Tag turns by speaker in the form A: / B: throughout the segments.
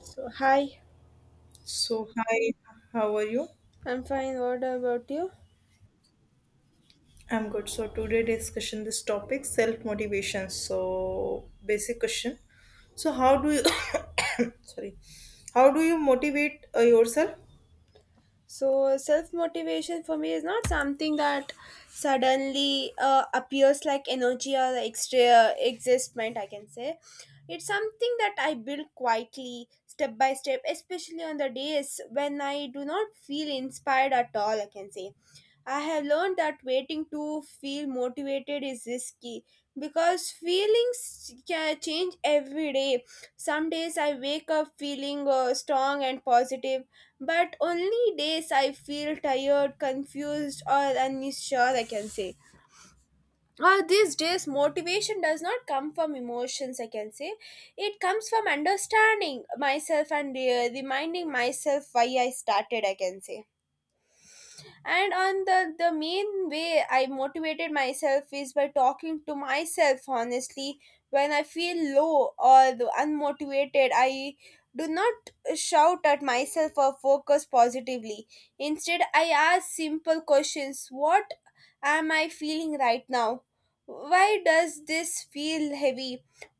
A: So, hi,
B: So, hi, how are you?
A: I'm fine. What about you?
B: I'm good. So, today discussion this topic self motivation. So, basic question. So, how do you sorry, how do you motivate yourself?
A: So, self motivation for me is not something that suddenly appears like energy or extra existment, I can say. It's something that I build quietly, step by step, especially on the days when I do not feel inspired at all, I can say. I have learned that waiting to feel motivated is risky because feelings can change every day. Some days I wake up feeling strong and positive, but only days I feel tired, confused, or unsure, I can say. Or these days, motivation does not come from emotions, I can say. It comes from understanding myself and reminding myself why I started, I can say. And on the main way I motivated myself is by talking to myself honestly. When I feel low or the unmotivated, I do not shout at myself or focus positively. Instead, I ask simple questions. What am I feeling right now? Why does this feel heavy?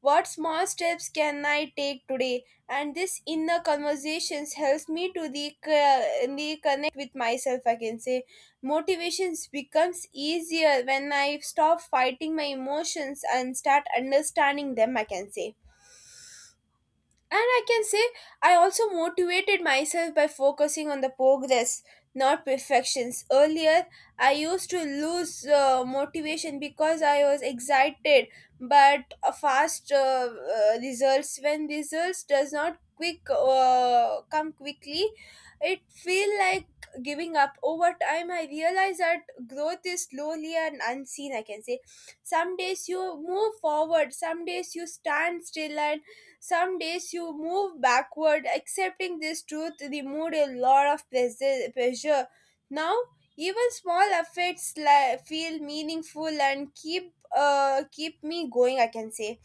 A: What small steps can I take today? And this inner conversations helps me to the connect with myself, I can say. Motivations becomes easier when I stop fighting my emotions and start understanding them, I can say. And I can say I also motivated myself by focusing on the progress, not perfections. Earlier, I used to lose motivation because I was excited, but a fast results, when results does not quick come quickly, it feel like giving up. Over time, I realized that growth is slowly and unseen. I can say, some days you move forward, some days you stand still, and some days you move backward, accepting this truth removed a lot of pressure. Now, even small effects feel meaningful and keep me going. I can say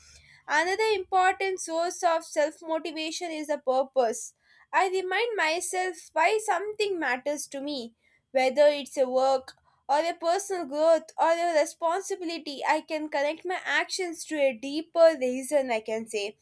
A: another important source of self motivation is a purpose. I remind myself why something matters to me, whether it's a work or a personal growth or a responsibility. I can connect my actions to a deeper reason. I can say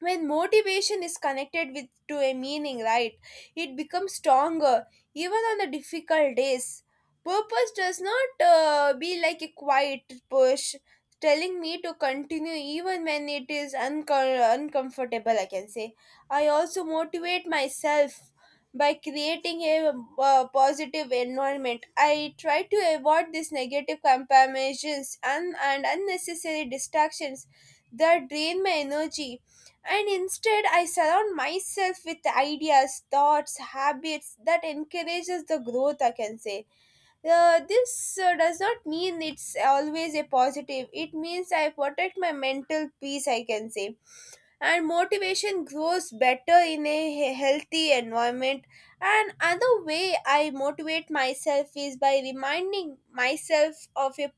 A: when motivation is connected with to a meaning, right, it becomes stronger even on the difficult days. Purpose does not be like a quiet push, telling me to continue even when it is uncomfortable, I can say. I also motivate myself by creating a positive environment. I try to avoid these negative comparisons and unnecessary distractions that drain my energy, and instead I surround myself with ideas, thoughts, habits that encourages the growth, I can say. This does not mean it's always a positive. It means I protect my mental peace, I can say. And motivation grows better in a healthy environment. And other way I motivate myself is by reminding myself of a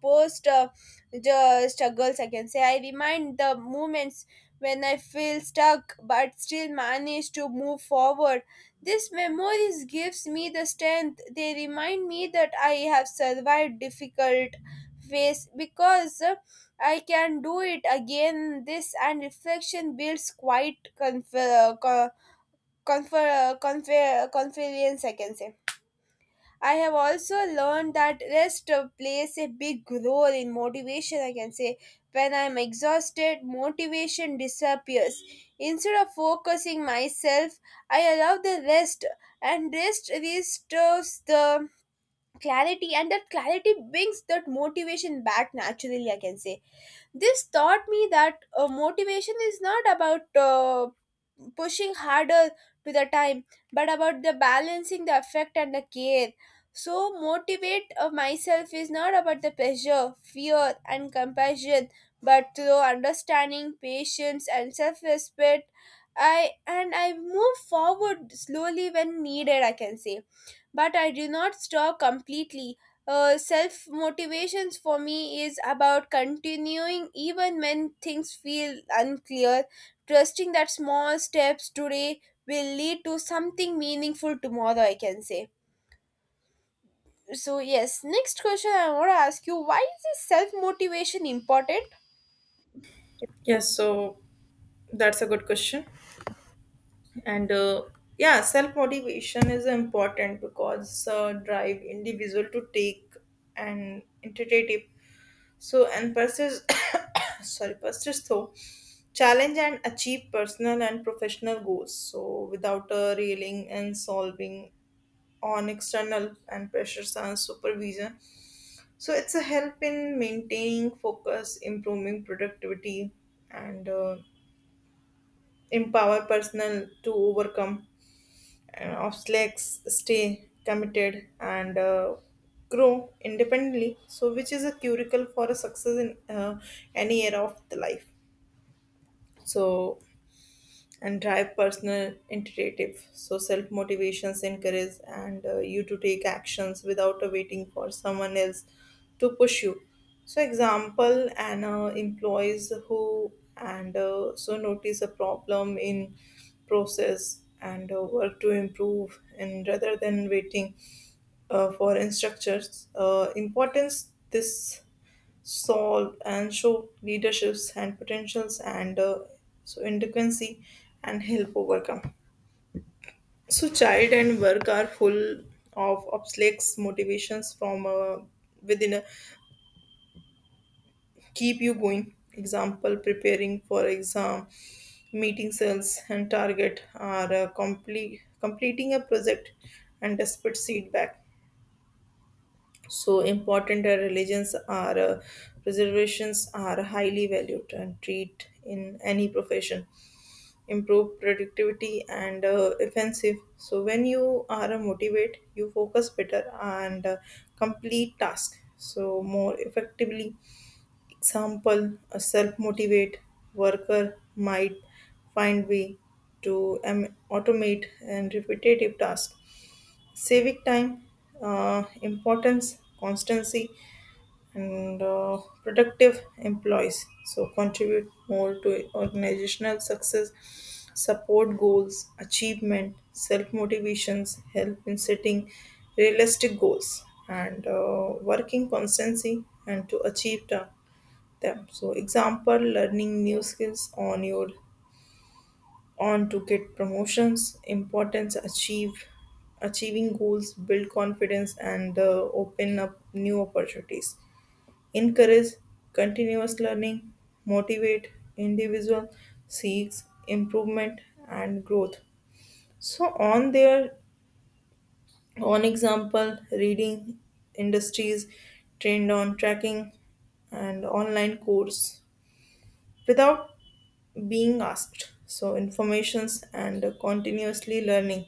A: post the struggles, I can say. I remind the moments when I feel stuck but still manage to move forward. This memories gives me the strength. They remind me that I have survived difficult phase because I can do it again. This and reflection builds quite confer, co- confer, confer, confidence, I can say. I have also learned that rest plays a big role in motivation, I can say. When I'm exhausted, motivation disappears. Instead of focusing myself, I allow the rest, and rest restores the clarity, and that clarity brings that motivation back naturally, I can say. This taught me that motivation is not about pushing harder to the time, but about the balancing the effect and the care. So, motivate myself is not about the pressure, fear, and compassion, but through understanding, patience, and self respect. I move forward slowly when needed, I can say, but I do not stop completely. Self motivations for me is about continuing even when things feel unclear, trusting that small steps today will lead to something meaningful tomorrow, I can say. So yes, next question I want to ask you: why is this self motivation important?
B: Yes, so that's a good question. And Yeah, self motivation is important because drive individual to take an initiative, so and persist sorry, persist though challenge and achieve personal and professional goals, so without railing and solving on external and pressures and supervision. So it's a help in maintaining focus, improving productivity, and empower personal to overcome and obstacles, stay committed, and grow independently, so which is a curricle for a success in any area of the life. So and drive personal initiative. So self motivations encourage and you to take actions without waiting for someone else to push you. So example and employees who and so notice a problem in process and work to improve and rather than waiting for instructors, importance this solve and show leaderships and potentials and so inadequacy and help overcome. So child and work are full of obstacles, motivations from within a keep you going, example preparing for exam, meeting sales and target, or complete completing a project and despite feedback. So important religions are preservations are highly valued and treat in any profession, improve productivity, and offensive. So when you are a motivate you focus better, and complete task so more effectively. Example, a self motivate worker might find way to automate and repetitive task, civic time, importance constancy, and productive employees so contribute more to organizational success, support goals achievement. Self motivations help in setting realistic goals, and working constancy and to them. So example, learning new skills on your on to get promotions, importance achieve, achieving goals build confidence, and open up new opportunities, encourage continuous learning, motivate individual seeks improvement and growth. So on their own example, reading industries trained on tracking and online course without being asked. So informations and continuously learning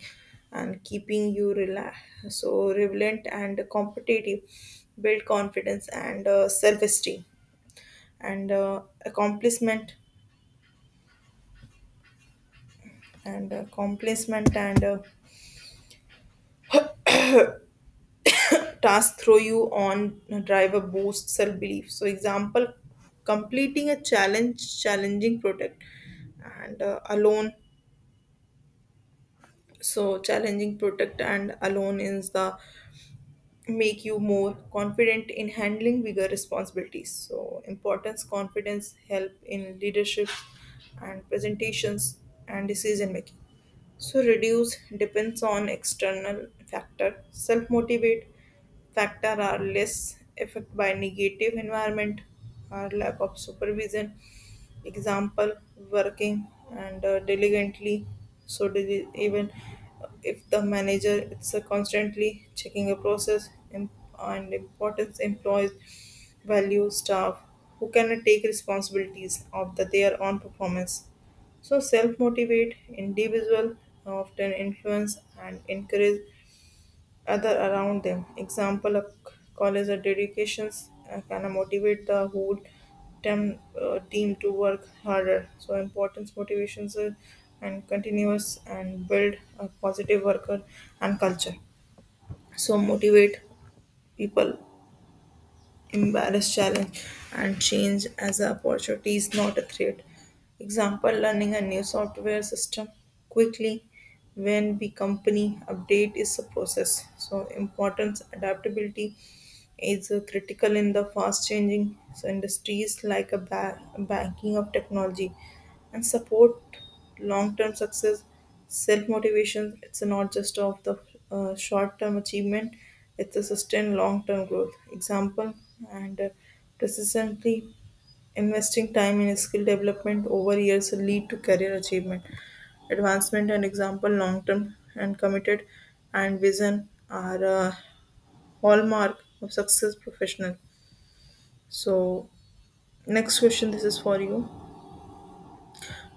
B: and so relevant and competitive, build confidence and self-esteem and accomplishment and accomplishment and task throw you on driver, boost self belief. So example, completing a challenge challenging project and alone. So challenging project and alone is the make you more confident in handling bigger responsibilities. So importance, confidence help in leadership and presentations and decision making. So reduce depends on external factor, self motivate factor are less affected by negative environment or lack of supervision. Example, working and diligently. So even if the manager is constantly checking a process and importance employees value staff who cannot take responsibilities of their own performance. So self-motivate individual often influence and encourage other around them. Example, a college or dedications can motivate the whole team to work harder. So importance, motivations and continuous and build a positive worker and culture. So motivate people embrace challenge and change as an opportunity is not a threat. Example, learning a new software system quickly when the company update is a process. So importance, adaptability is critical in the fast changing so industries like a banking of technology and support long-term success. Self-motivation it's not just of the short-term achievement, it's a sustained long-term growth. Example and persistently investing time in skill development over years lead to career achievement advancement, and example long-term and committed and vision are a hallmark of success professional. So next question, this is for you.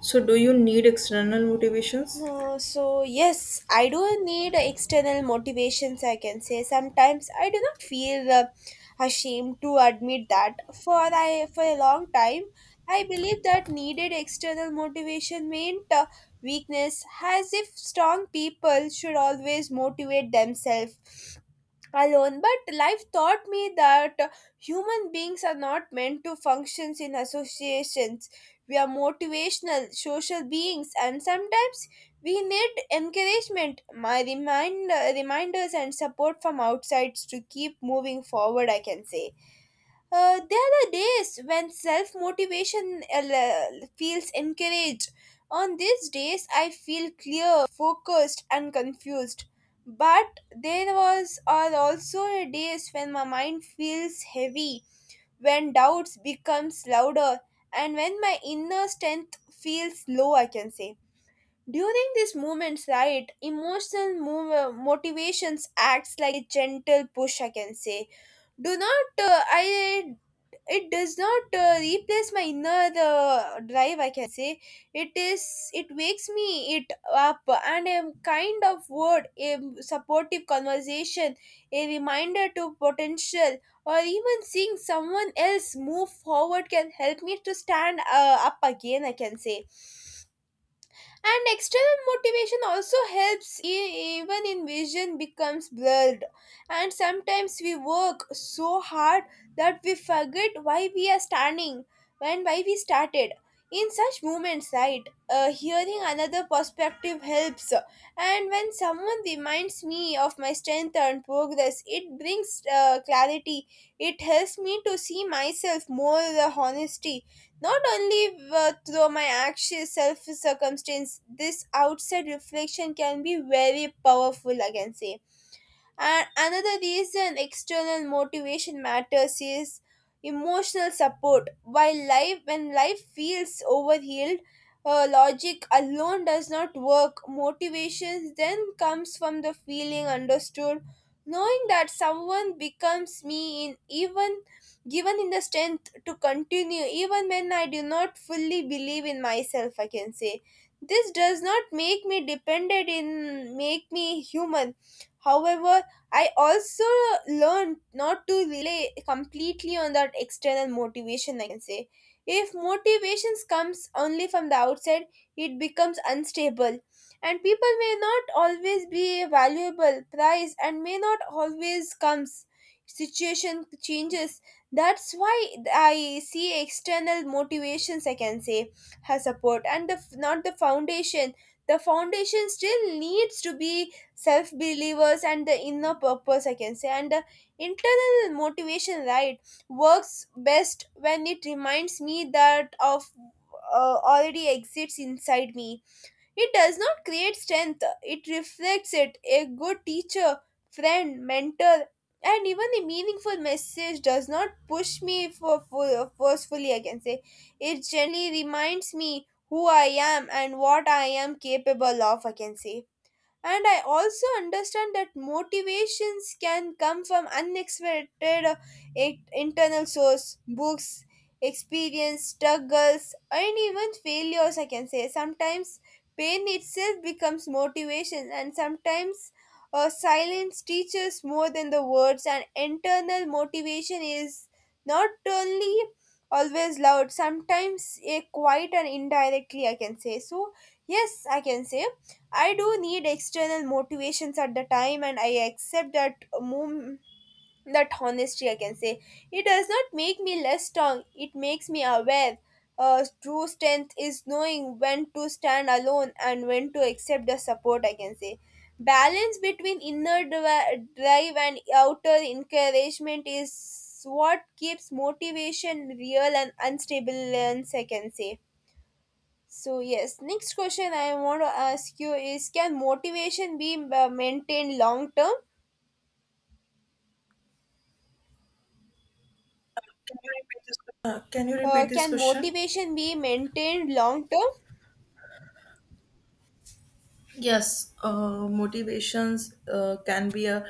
B: So do you need external motivations?
A: So yes, I do need external motivations. I can say sometimes I do not feel ashamed to admit that. For a long time, I believe that needed external motivation meant weakness, as if strong people should always motivate themselves alone. But life taught me that human beings are not meant to function in associations. We are motivational social beings, and sometimes we need encouragement, my reminders and support from outsides to keep moving forward, I can say. There are days when self motivation feels encouraged. On these days, I feel clear, focused, and confused. But there was are also days when my mind feels heavy, when doubts becomes louder, and when my inner strength feels low. I can say during these moments, right, emotional motivations acts like a gentle push. I can say do not I it does not replace my inner drive, I can say. It is it wakes me it up, and a kind of word, a supportive conversation, a reminder to potential, or even seeing someone else move forward can help me to stand up again, I can say. And external motivation also helps even in vision becomes blurred. And sometimes we work so hard that we forget why we are standing and why we started. In such moments, right, hearing another perspective helps. And when someone reminds me of my strength and progress, it brings clarity. It helps me to see myself more honesty, not only through my actual self circumstance. This outside reflection can be very powerful, I can say. And another reason external motivation matters is emotional support. When life feels overhealed, logic alone does not work. Motivation then comes from the feeling understood, knowing that someone becomes me in, even given in the strength to continue even when I do not fully believe in myself. I can say this does not make me dependent in make me human. However, I also learned not to rely completely on that external motivation, I can say. If motivations comes only from the outside, it becomes unstable. And people may not always be valuable, price, and may not always comes. Situation changes. That's why I see external motivations, I can say, has support and the, not the foundation. The foundation still needs to be self believers and the inner purpose, I can say. And the internal motivation, right, works best when it reminds me that of already exists inside me. It does not create strength, it reflects it. A good teacher, friend, mentor, and even a meaningful message does not push me for forcefully, I can say. It gently reminds me who I am and what I am capable of, I can say. And I also understand that motivations can come from unexpected internal source books, experience, struggles, and even failures, I can say. Sometimes pain itself becomes motivation, and sometimes silence teaches more than the words. And internal motivation is not only always loud. Sometimes a quiet and indirectly, I can say. So yes, I can say I do need external motivations at the time, and I accept that that honesty. I can say it does not make me less strong. It makes me aware. True strength is knowing when to stand alone and when to accept the support. I can say balance between inner drive and outer encouragement is what keeps motivation real and unstable. And I can say. So yes, next question I want to ask you is: can motivation be maintained long term?
B: Can you repeat this
A: Can
B: question?
A: motivation be maintained long term?
B: Yes, motivations can be a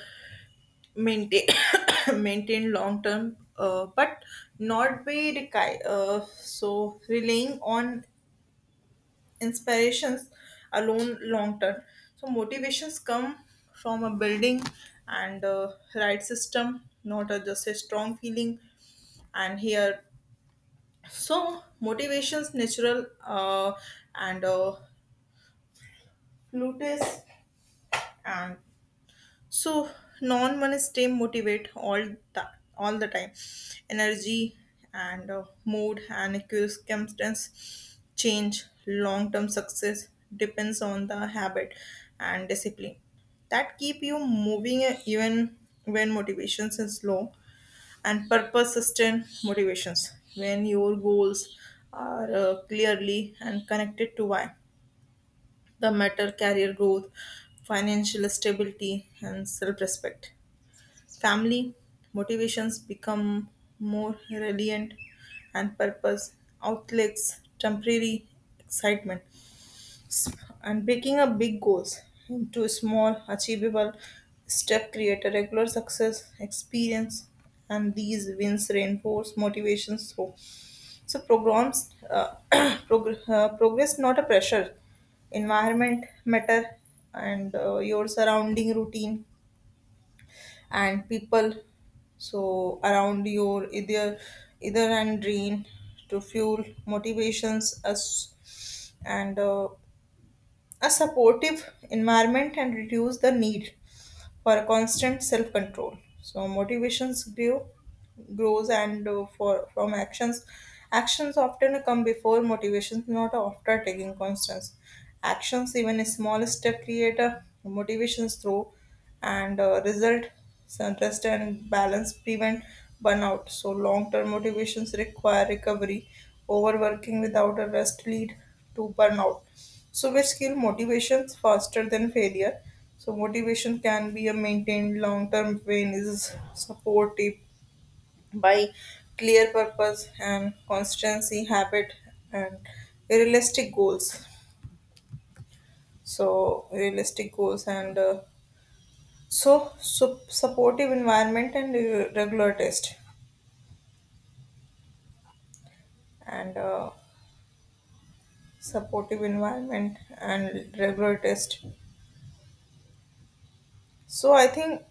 B: maintain maintained long term, but not be so relying on inspirations alone long term. So motivations come from a building and right system, not a, just a strong feeling. And here, so motivations natural and Plutus and so non one stay motivate the all the time energy and mood and circumstance change. Long term success depends on the habit and discipline that keep you moving even when motivations is low. And purpose sustained motivations when your goals are clearly and connected to why that matter: career growth, financial stability, and self respect. Family motivations become more resilient and purpose outlets temporary excitement. S- and breaking up big goals into small achievable step create a regular success experience, and these wins reinforce motivations. So programs progress, not a pressure. Environment matter, and your surrounding, routine, and people so around your either either and drain to fuel motivations us, and a supportive environment and reduce the need for constant self-control. So motivations grows, and for from actions. Actions often come before motivations, not after taking constants. Actions, even a small step, create a motivations through, and result. So rest and balance prevent burnout. So long-term motivations require recovery. Overworking without a rest lead to burnout. So which kill motivations faster than failure. So motivation can be a maintained long-term when is supported by clear purpose and constancy, habit, and realistic goals. So realistic goals and so supportive environment and regular test and supportive environment and regular test. So I think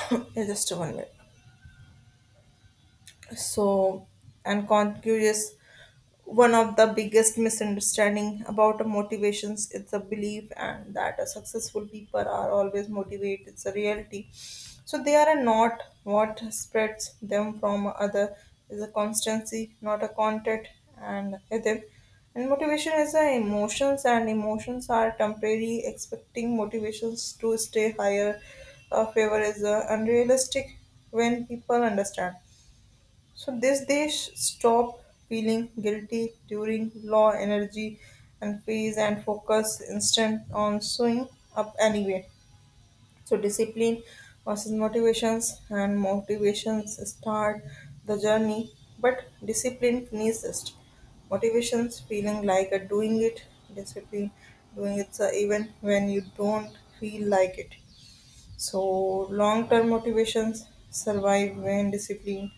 B: just one minute. So and conscious, one of the biggest misunderstanding about motivations is the belief and that a successful people are always motivated. It's a reality, so they are not. What spreads them from other is a constancy, not a content and ethic. And motivation is the emotions, and emotions are temporary. Expecting motivations to stay higher favor is unrealistic. When people understand so this, they stop feeling guilty during low energy and phase, and focus instant on showing up anyway. So discipline versus motivations. And motivations start the journey, but discipline finishes. Motivations feeling like a doing it, discipline doing it even when you don't feel like it. So long term motivations survive when discipline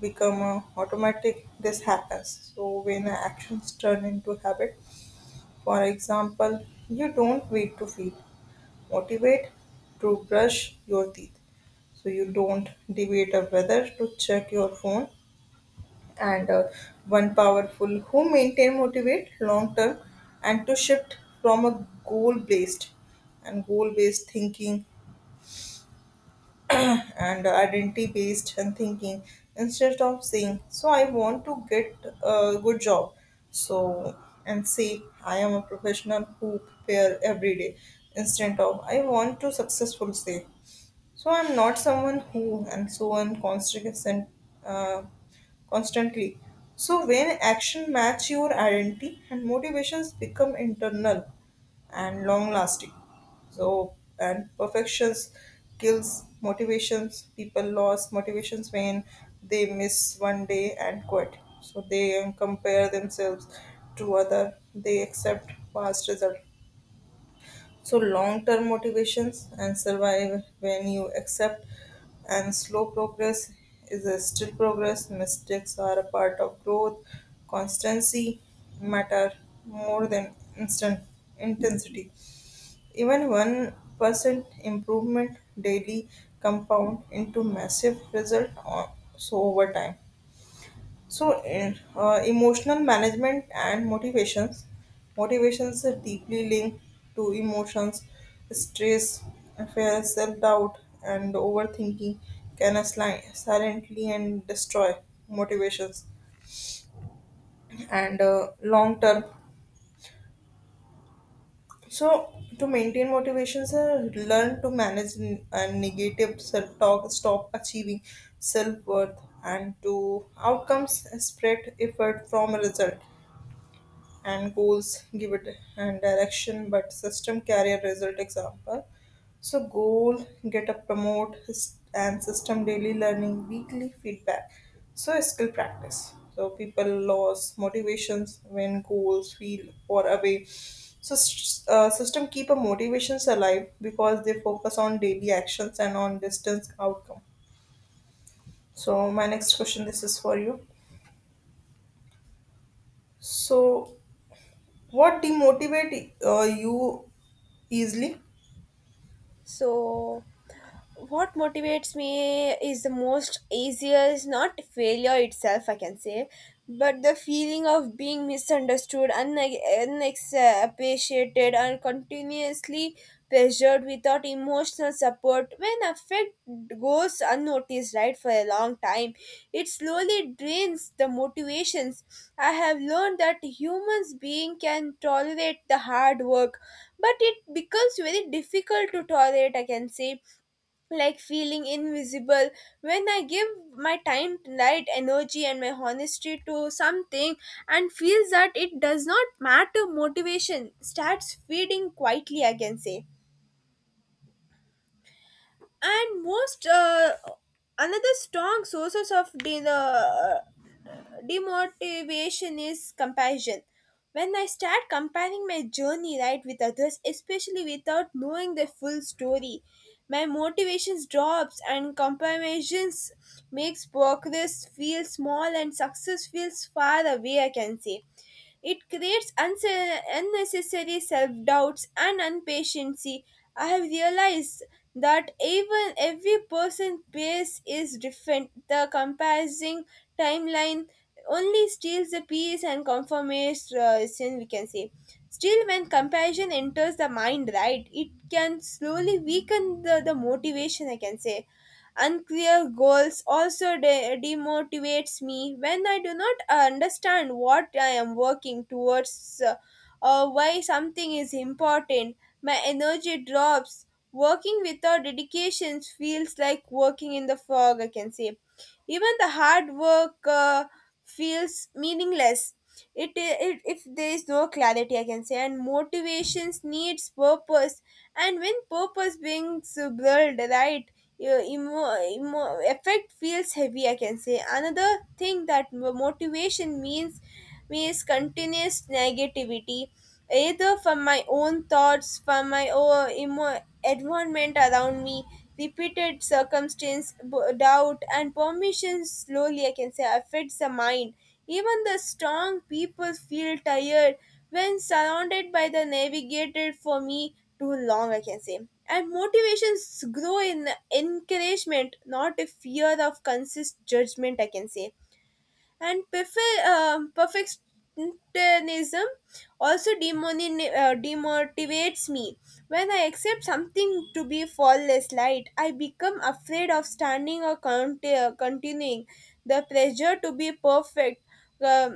B: become automatic. This happens. So when actions turn into habit, for example, you don't wait to feel motivate to brush your teeth. So you don't debate of whether to check your phone. And One powerful who maintain motivate long term and to shift from a goal based and goal based thinking and identity based and thinking. Instead of saying, so I want to get a good job, so and say, I am a professional who prepare every day. Instead of I want to successful, say so I'm not someone who and so on constant, uh, constantly. So when action match your identity, and motivations become internal and long lasting. So and perfections kills motivations. People lost motivations when they miss one day and quit. So they compare themselves to other. They accept past result. So long-term motivations and survive when you accept and slow progress is a still progress. Mistakes are a part of growth. Constancy matter more than instant intensity. Even 1% improvement daily compound into massive result on, so over time. So, emotional management and motivations. Motivations are deeply linked to emotions, stress, fear, self doubt, and overthinking can silently and destroy motivations and long term. So, to maintain motivations, learn to manage negative self talk, stop achieving self worth, and to outcomes spread effort from result. And goals give it and direction, but system career result example. So goal get a and system daily learning, weekly feedback, so skill practice. So people lose motivations when goals feel far away. So system keep a motivations alive because they focus on daily actions and on distance outcome. So my next question, this is for you. So what demotivate you easily?
A: So what motivates me is the most easiest, not failure itself, I can say, but the feeling of being misunderstood, unappreciated and continuously pressured without emotional support. When affect goes unnoticed, right, for a long time, it slowly drains the motivations. I have learned that humans being can tolerate the hard work, but it becomes very difficult to tolerate, I can say, like feeling invisible. When I give my time, light, energy, and my honesty to something and feels that it does not matter, motivation starts fading quietly, I can say. And most another strong sources of the demotivation is comparison. When I start comparing my journey, right, with others, especially without knowing the full story, my motivations drops. And comparisons makes progress feel small and success feels far away. I can say it creates unnecessary self doubts and impatience. I have realized that even every person's pace is different. The comparison timeline only steals the peace and conformation, we can say. Still, when comparison enters the mind, right, it can slowly weaken the motivation, I can say. Unclear goals also demotivates me when I do not understand what I am working towards or why something is important. My energy drops. Working without dedication feels like working in the fog, I can say. Even the hard work feels meaningless. It if there is no clarity, I can say, and motivations needs purpose, and when purpose brings blurred, right, your emo effect feels heavy. I can say another thing that mo- motivation means means continuous negativity, either from my own thoughts, from my own environment around me, repeated circumstance, doubt, and permission slowly, I can say, affects the mind. Even the strong people feel tired when surrounded by the navigated for me too long, I can say. And motivations grow in encouragement, not a fear of consist judgment, I can say. And perfectionism also demotivates me. When I accept something to be flawless light, I become afraid of standing or continuing. The pressure to be perfect, um,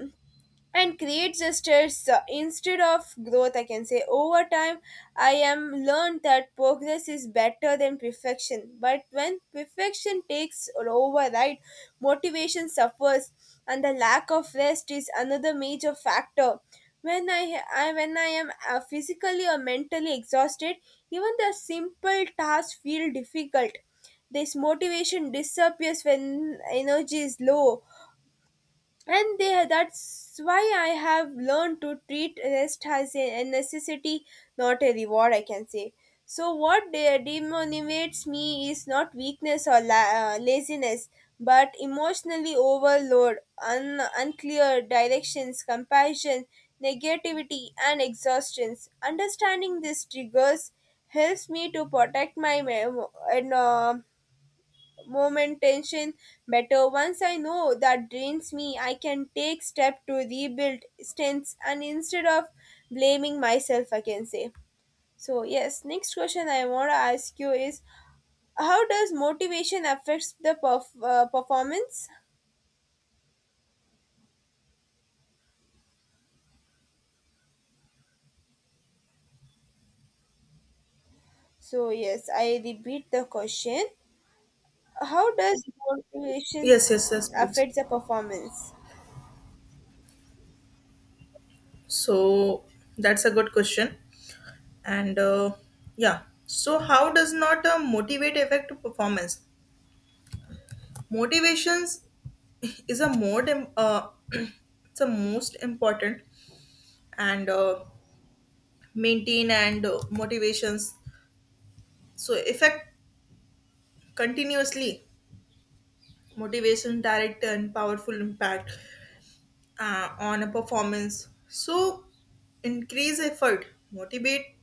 A: and create gestures instead of growth, I can say. Over time, I am learned that progress is better than perfection, but when perfection takes over, right, motivation suffers. And the lack of rest is another major factor. When I am physically or mentally exhausted, even the simple tasks feel difficult. This motivation disappears when energy is low, and that's why I have learned to treat rest as a necessity, not a reward, I can say. So what demotivates me is not weakness or laziness, but emotionally overload, unclear directions, compassion, negativity, and exhaustions. Understanding these triggers helps me to protect my and, uh, moment tension better. Once I know that drains me, I can take step to rebuild strengths, and instead of blaming myself, I can say. So yes, next question I want to ask you is how does motivation affects the performance? So yes, I repeat the question. How does motivation
B: Yes, yes, yes, please.
A: affect the performance?
B: So that's a good question. And Yeah, so how does not motivate affect performance? Motivations is a it's a most important and maintain and motivations. So effect continuously motivation direct and powerful impact on a performance. So increase effort, motivate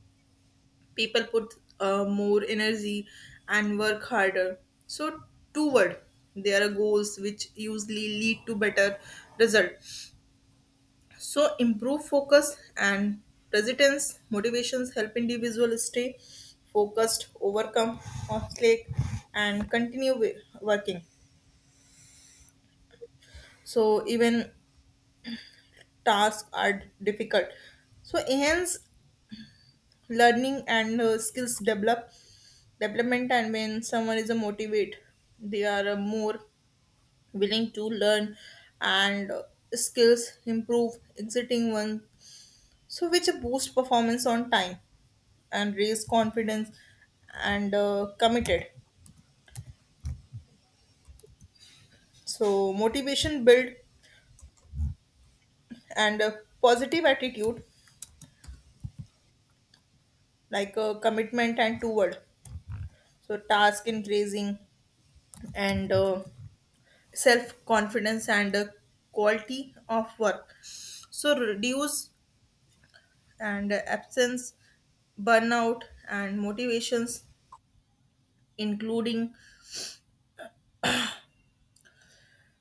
B: people, put more energy, and work harder. So toward there are goals which usually lead to better result. So improve focus and resilience. Motivations help individual stay focused, overcome obstacle, and continue working. So even tasks are difficult. So enhance learning and skills develop development. And when someone is a motivate, they are more willing to learn and skills improve exiting one, so which boost performance on time and raise confidence and committed. So motivation build and positive attitude like commitment and toward so task, increasing and self confidence and quality of work. So reduce and absence, burnout, and motivations including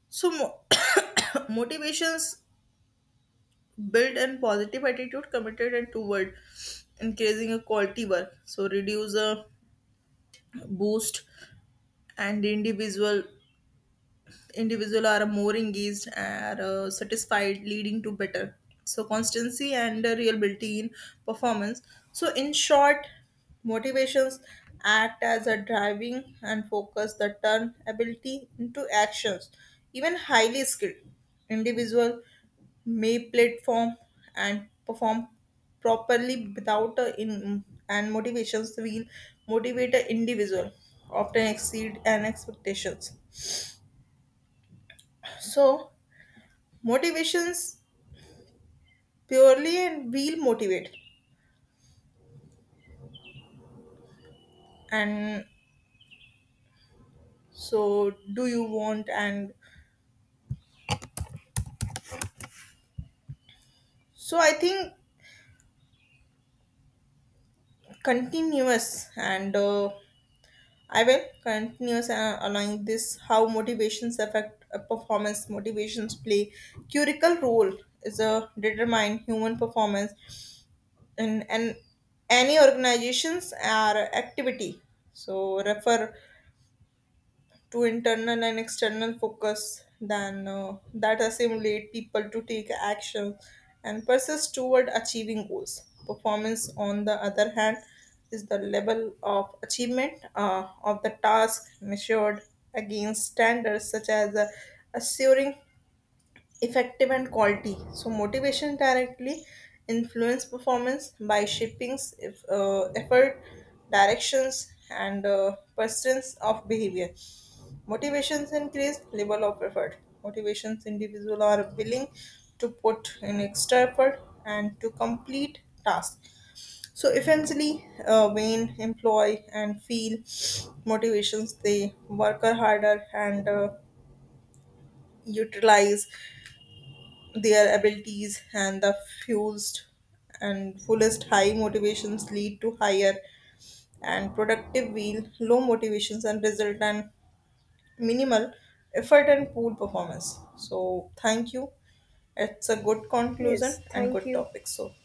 B: so motivations build and positive attitude committed and toward increasing a quality work. So reduce a boost and individual, individual are more engaged and satisfied leading to better so constancy and reliability in performance. So in short, motivations act as a driving and focus that turn ability into actions. Even highly skilled individual may platform and perform properly without a in and motivations will motivate an individual often exceed and expectations. So motivations purely and will motivate and so do you want and so I think continuous and I will continuous allowing this. How motivations affect a performance? Motivations play curical role is a determine human performance and any organizations are activity. So refer to internal and external focus then that assimilate people to take action and persist toward achieving goals. Performance, on the other hand, is the level of achievement of the task measured against standards such as assuring effective and quality. So, motivation directly influence performance by shaping if, effort, directions, and persistence of behavior. Motivations increased, level of effort. Motivations individual are willing to put in extra effort and to complete tasks. So eventually, when employ and feel motivations, they work harder and utilize their abilities and the fused and fullest. High motivations lead to higher and productive wheel, low motivations and result and minimal effort and poor performance. So, thank you. It's a good
A: Yes,
B: conclusion and
A: thank
B: good
A: you.
B: topic. So,